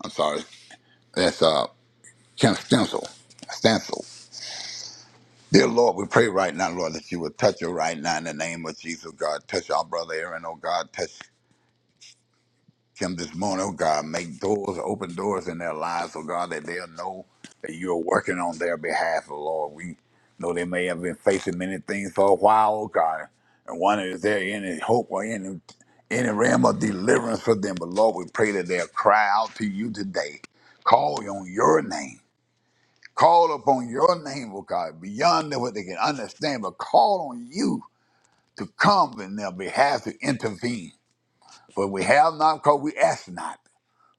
S1: I'm sorry, that's uh Kim Stencil. Stencil. Dear Lord, we pray right now, Lord, that you would touch her right now in the name of Jesus, God. Touch our brother Aaron, oh God. Touch Him this morning, oh God, make doors, open doors in their lives, oh God, that they'll know that you're working on their behalf, oh Lord. We know they may have been facing many things for a while, oh God, and wonder is there any hope or any any realm of deliverance for them. But Lord, we pray that they'll cry out to you today. Call on your name. Call upon your name, oh God, beyond what they can understand, but call on you to come in their behalf to intervene. For we have not because we ask not.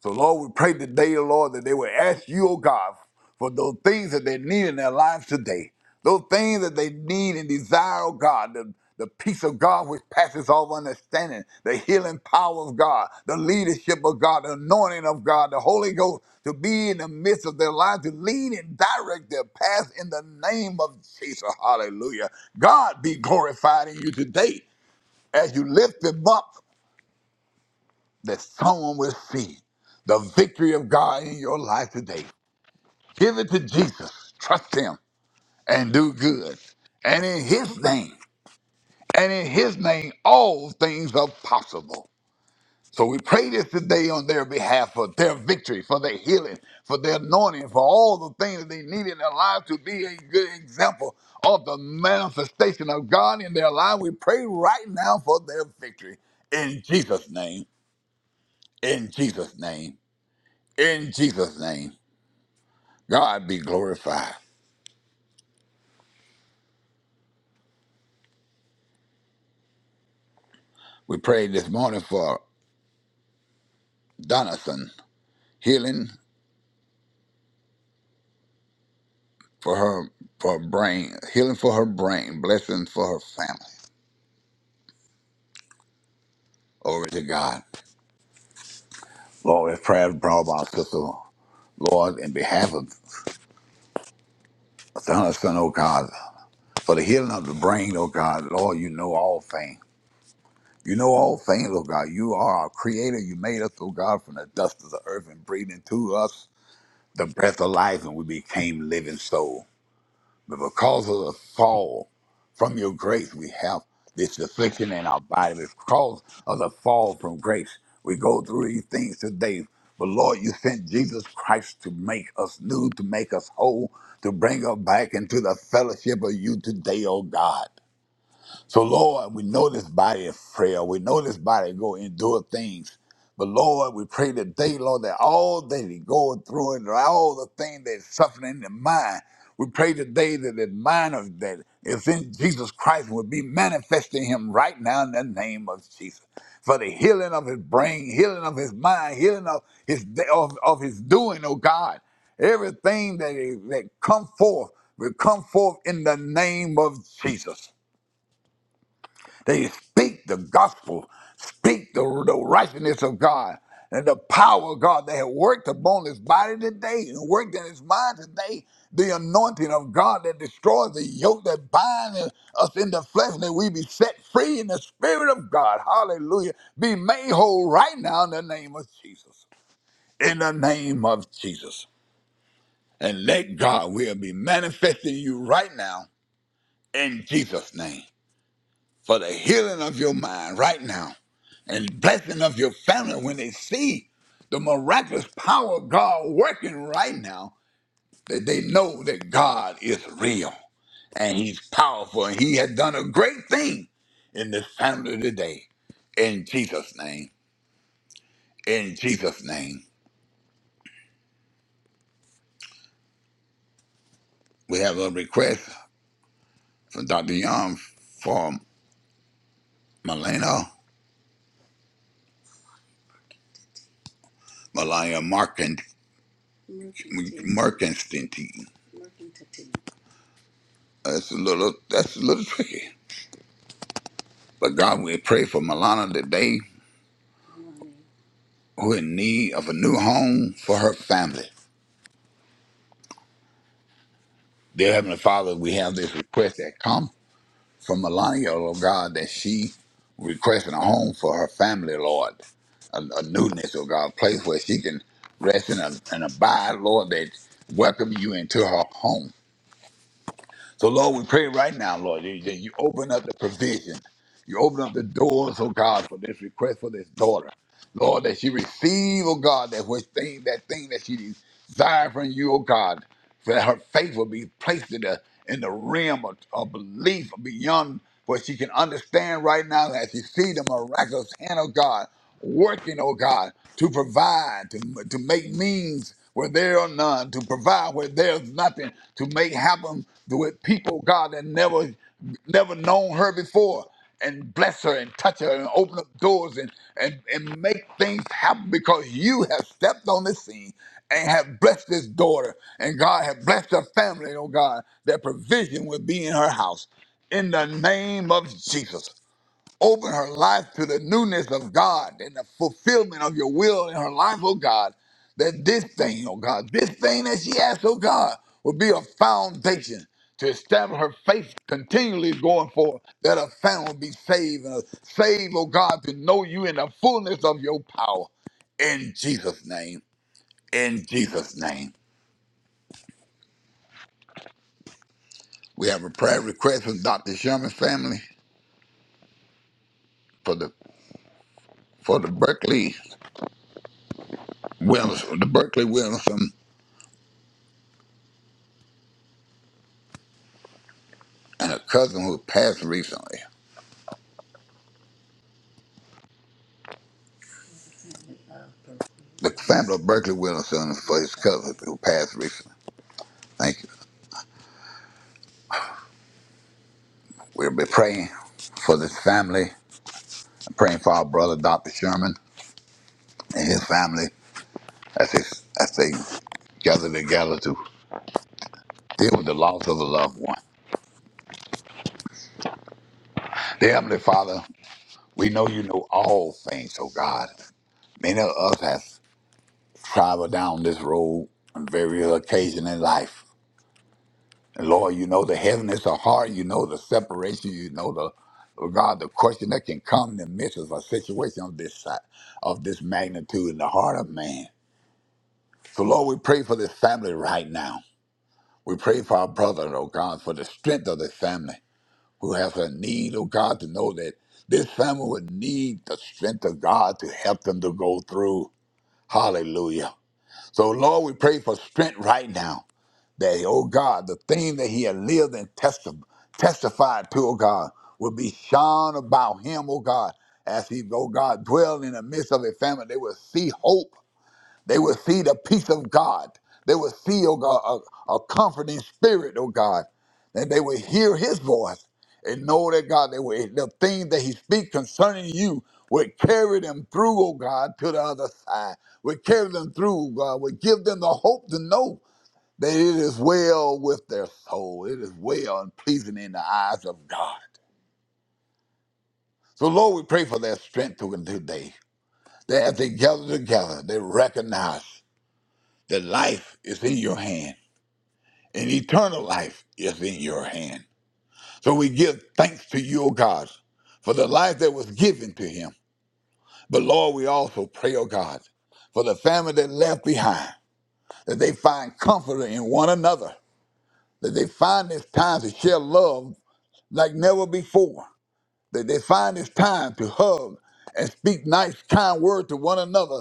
S1: So, Lord, we pray today, Lord, that they will ask you, oh God, for those things that they need in their lives today. Those things that they need and desire, oh God, the, the peace of God which passes all understanding, the healing power of God, the leadership of God, the anointing of God, the Holy Ghost to be in the midst of their lives, to lead and direct their path in the name of Jesus. Hallelujah. God be glorified in you today as you lift them up that someone will see the victory of God in your life today. Give it to Jesus. Trust him and do good. And in his name, and in his name, all things are possible. So we pray this today on their behalf for their victory, for their healing, for their anointing, for all the things that they need in their life to be a good example of the manifestation of God in their life. We pray right now for their victory. In Jesus' name. In Jesus' name. In Jesus' name, God be glorified. We prayed this morning for Donison, healing for her for her brain, healing for her brain, blessings for her family. Glory to God. Lord, this prayer is brought by Sister Lord, in behalf of Donison, oh God, for the healing of the brain, oh God, Lord, you know all things. You know all things, oh God. You are our creator. You made us, oh God, from the dust of the earth and breathed into us the breath of life, and we became living soul. But because of the fall, from your grace, we have this affliction in our body. Because of the fall from grace, we go through these things today. But Lord, you sent Jesus Christ to make us new, to make us whole, to bring us back into the fellowship of you today, oh God. So, Lord, we know this body is frail. We know this body go endure things. But Lord, we pray today, Lord, that all that he going through and all the things that's suffering in the mind, we pray today that the mind of that is in Jesus Christ will be manifesting him right now in the name of Jesus. For the healing of his brain, healing of his mind, healing of his of, of his doing, oh God. Everything that, that come forth will come forth in the name of Jesus. They speak the gospel, speak the, the righteousness of God and the power of God They have worked upon his body today and worked in his mind today. The anointing of God that destroys the yoke that binds us in the flesh, that we be set free in the spirit of God. Hallelujah. Be made whole right now in the name of Jesus. In the name of Jesus. And let God will be manifesting you right now in Jesus' name for the healing of your mind right now and blessing of your family when they see the miraculous power of God working right now, that they know that God is real and He's powerful and He has done a great thing in this family today. In Jesus' name. In Jesus' name. We have a request from Dr. Young for Melina Melania Merkin- Merkinstein. That's a little that's a little tricky. But God, we pray for Milana today, who in need of a new home for her family. Dear Heavenly Father, we have this request that come from Melania, Lord God, that she requesting a home for her family, Lord. A, a newness, oh God, a place where she can rest and, and abide, Lord, that welcome you into her home. So, Lord, we pray right now, Lord, that that you open up the provision. You open up the doors, oh God, for this request for this daughter. Lord, that she receive, oh God, that which thing, that thing that she desire from you, oh God, so that her faith will be placed in the in the realm of, of belief beyond what she can understand right now as she see the miraculous hand of God working, oh God, to provide, to, to make means where there are none, to provide where there's nothing, to make happen with people, God, that never never known her before, and bless her and touch her and open up doors and and, and make things happen because you have stepped on the scene and have blessed this daughter. And God have blessed her family, oh God, that provision will be in her house. In the name of Jesus. Open her life to the newness of God and the fulfillment of your will in her life, oh God. That this thing, oh God, this thing that she has, oh God, will be a foundation to establish her faith continually going forward, that her family will be saved and saved, oh God, to know you in the fullness of your power. In Jesus' name, in Jesus' name. We have a prayer request from Dr. Sherman's family for the for the Berkeley Williams, the Berkeley Williamson. and a cousin who passed recently. The family of Berkeley Wilson for his cousin who passed recently. Thank you. We'll be praying for this family, praying for our brother Dr. Sherman and his family as they, as they gather together to deal with the loss of a loved one. Dear Heavenly Father, we know you know all things, oh God. Many of us have traveled down this road on various occasions in life And Lord, you know the heaviness of heart, you know the separation, you know the oh God, the question that can come in the midst of a situation of this si- of this magnitude in the heart of man. So Lord, we pray for this family right now. We pray for our brother, oh God, for the strength of this family who has a need, oh God, to know that this family would need the strength of God to help them to go through. Hallelujah. So Lord, we pray for strength right now that, oh God, the thing that he had lived and testi- testified to, oh God, would be shone about him, oh God, as he, oh God, dwelled in the midst of a family. They would see hope. They would see the peace of God. They would see, oh God, a, a comforting spirit, oh God. And they would hear his voice and know that God, they would, the thing that he speaks concerning you would carry them through, oh God, to the other side. Would carry them through, God. Would give them the hope to know that it is well with their soul. It is well and pleasing in the eyes of God. So, Lord, we pray for their strength to continue today. That as they gather together, they recognize that life is in your hand and eternal life is in your hand. So, we give thanks to you, O God, for the life that was given to him. But, Lord, we also pray, O God, for the family that left behind, that they find comfort in one another, that they find this time to share love like never before. that they find it's time to hug and speak nice, kind words to one another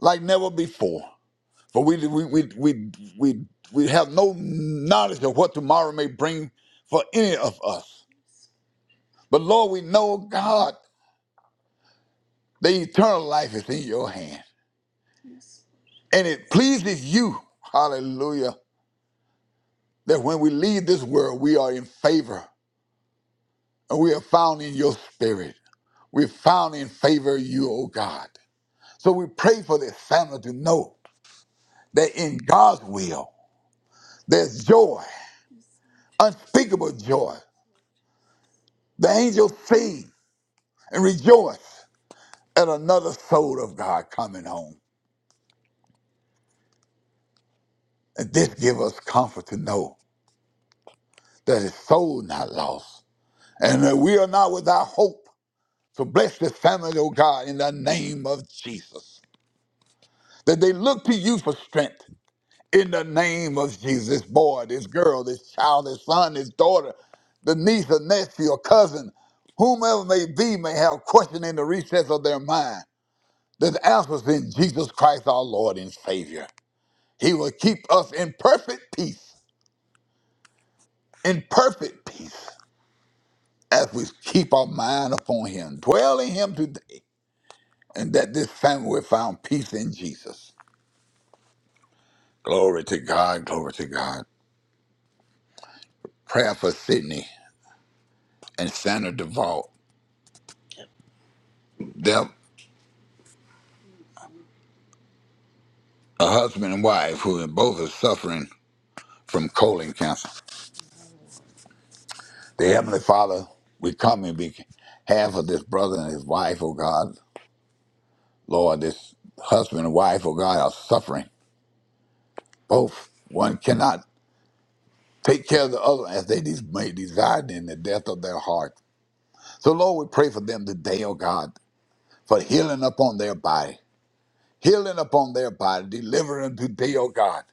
S1: like never before. For we we we we we, we have no knowledge of what tomorrow may bring for any of us. But Lord, we know God, the eternal life is in your hand. And it pleases you, hallelujah, that when we leave this world, we are in favor and we are found in your spirit. We're found in favor of you, O God. So we pray for this family to know. They're in God's will. There's joy, unspeakable joy. The angels sing and rejoice at another soul of God coming home. And this gives us comfort to know that his soul not lost and that we are not without hope. So bless this family, oh God, in the name of Jesus. That they look to you for strength in the name of Jesus. This Boy, this girl, this child, this son, this daughter, the niece, or nephew, or cousin, whomever may be, may have question in the recess of their mind. The answer's in Jesus Christ, our Lord and Savior. He will keep us in perfect peace, in perfect peace, as we keep our mind upon Him. Dwell in Him today, and that this family will find peace in Jesus. Glory to God, glory to God. Prayer for Sydney and Santa Duvall. Deb a husband and wife who are both are suffering from colon cancer. The Heavenly Father, we come in behalf of this brother and his wife, oh God. Lord, this husband and wife, oh God, are suffering. Both one cannot take care of the other as they des- may desire in the death of their heart. So Lord, we pray for them today, oh God, for healing upon their body. Healing upon their body, delivering today, oh God.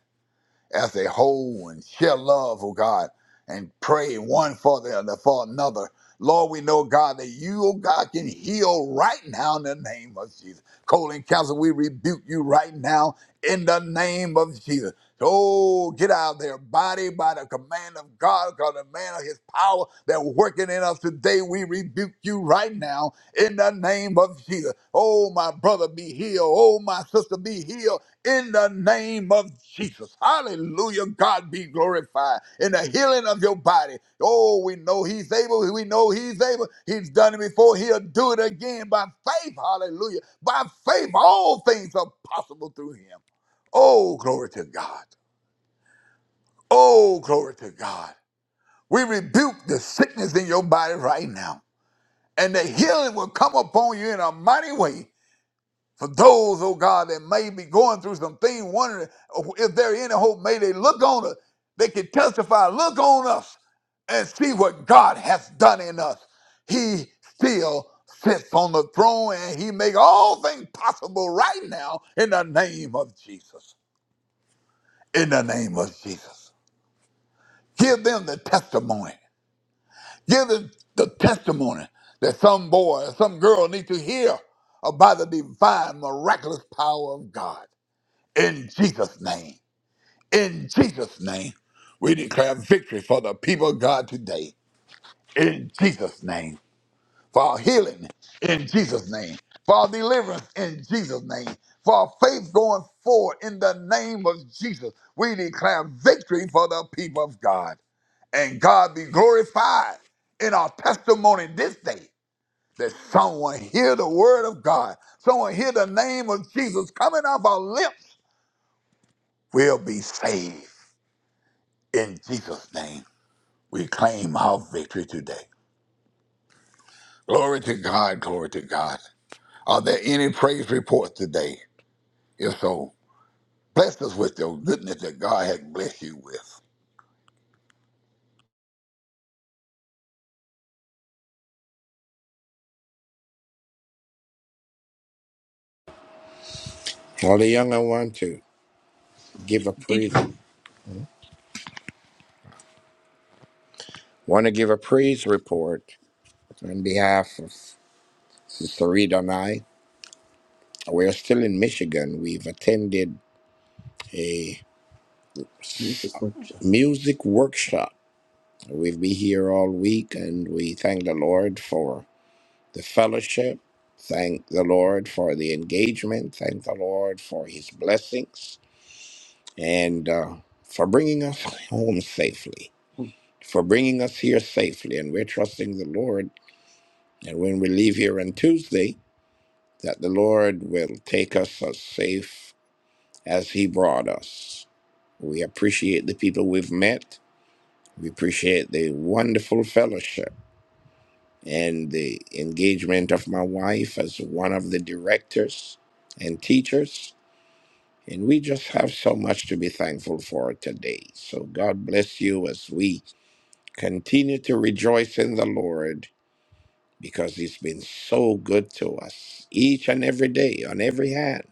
S1: as a whole and share love, oh God, and pray one for the other for another. Lord, we know, God, that you, oh God, can heal right now in the name of Jesus. Colon cancer, we rebuke you right now in the name of Jesus. Oh, get out of their body by the command of God, God, the man of his power that working in us today. We rebuke you right now in the name of Jesus. Oh, my brother, be healed. Oh, my sister, be healed in the name of Jesus. Hallelujah. God be glorified in the healing of your body. Oh, we know He's able. We know He's able. He's done it before. He'll do it again by faith. Hallelujah. By faith, all things are possible through Him. Oh, glory to God. Oh, glory to God. We rebuke the sickness in your body right now, and the healing will come upon you in a mighty way. For those, oh God, that may be going through some thing, wondering if there any hope, may they look on us. They can testify, look on us and see what God has done in us. He still sits on the throne and he make all things possible right now in the name of Jesus. In the name of Jesus. Give them the testimony. Give them the testimony that some boy or some girl need to hear about the divine miraculous power of God. in Jesus' name. In Jesus' name, we declare victory for the people of God today. In Jesus' name. For our healing in Jesus' name. For our deliverance in Jesus' name. For our faith going forward in the name of Jesus. We declare victory for the people of God. And God be glorified in our testimony this day. That someone hear the word of God, someone hear the name of Jesus coming off our lips will be saved In Jesus' name, we claim our victory today. Glory to God, glory to God. Are there any praise reports today? If so, bless us with your goodness that God has blessed you with.
S2: All the young I want to give a praise want to give a praise report on behalf of Sister Reed and I. We're still in Michigan. We've attended a s- music workshop. We've been here all week and we thank the Lord for the fellowship. Thank the Lord for the engagement. Thank the Lord for his blessings and uh, for bringing us home safely, for bringing us here safely. And we're trusting the Lord. And when we leave here on Tuesday, that the Lord will take us as safe as He brought us. We appreciate the people we've met. We appreciate the wonderful fellowship and the engagement of my wife as one of the directors and teachers. And we just have so much to be thankful for today. So God bless you as we Continue to rejoice in the Lord because He's been so good to us each and every day on every hand.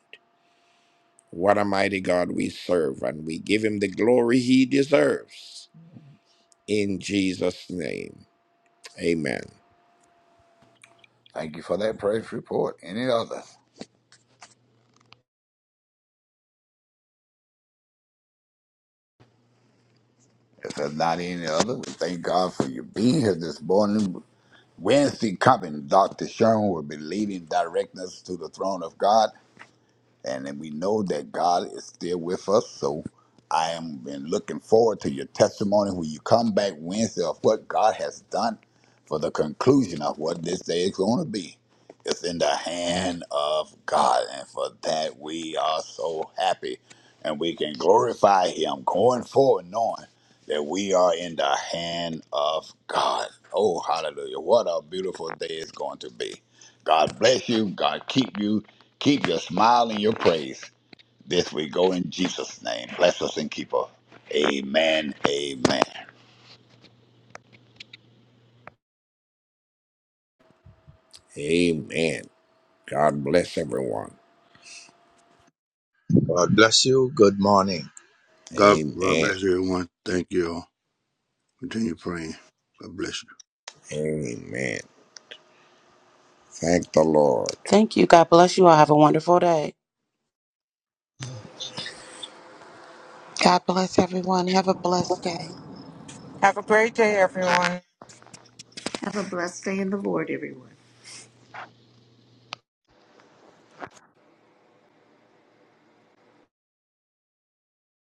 S2: What a mighty God we serve, and we give Him the glory He deserves. In Jesus' name, amen.
S1: Thank you for that praise report. Any others? If there's not any others, we thank God for you being here this morning. Wednesday coming, Dr. Sherman will be leading, directing us to the throne of God. and then we know that God is still with us. So I am been looking forward to your testimony when you come back Wednesday of what God has done for the conclusion of what this day is going to be. It's in the hand of God, and for that we are so happy, and we can glorify Him going forward, knowing that we are in the hand of God. Oh, hallelujah! What a beautiful day it's going to be. God bless you. God keep you. Keep your smile and your praise this we Go in Jesus' name. Bless us and keep us. Amen. Amen.
S2: Amen. God bless everyone.
S3: God bless you. Good morning.
S4: God, God
S2: Amen.
S4: bless everyone. Thank you all. Continue praying. God bless you.
S2: Amen. Thank the Lord.
S5: Thank you. God bless you all. Have a wonderful day.
S6: God bless everyone. Have a blessed day.
S7: Have a great day, everyone.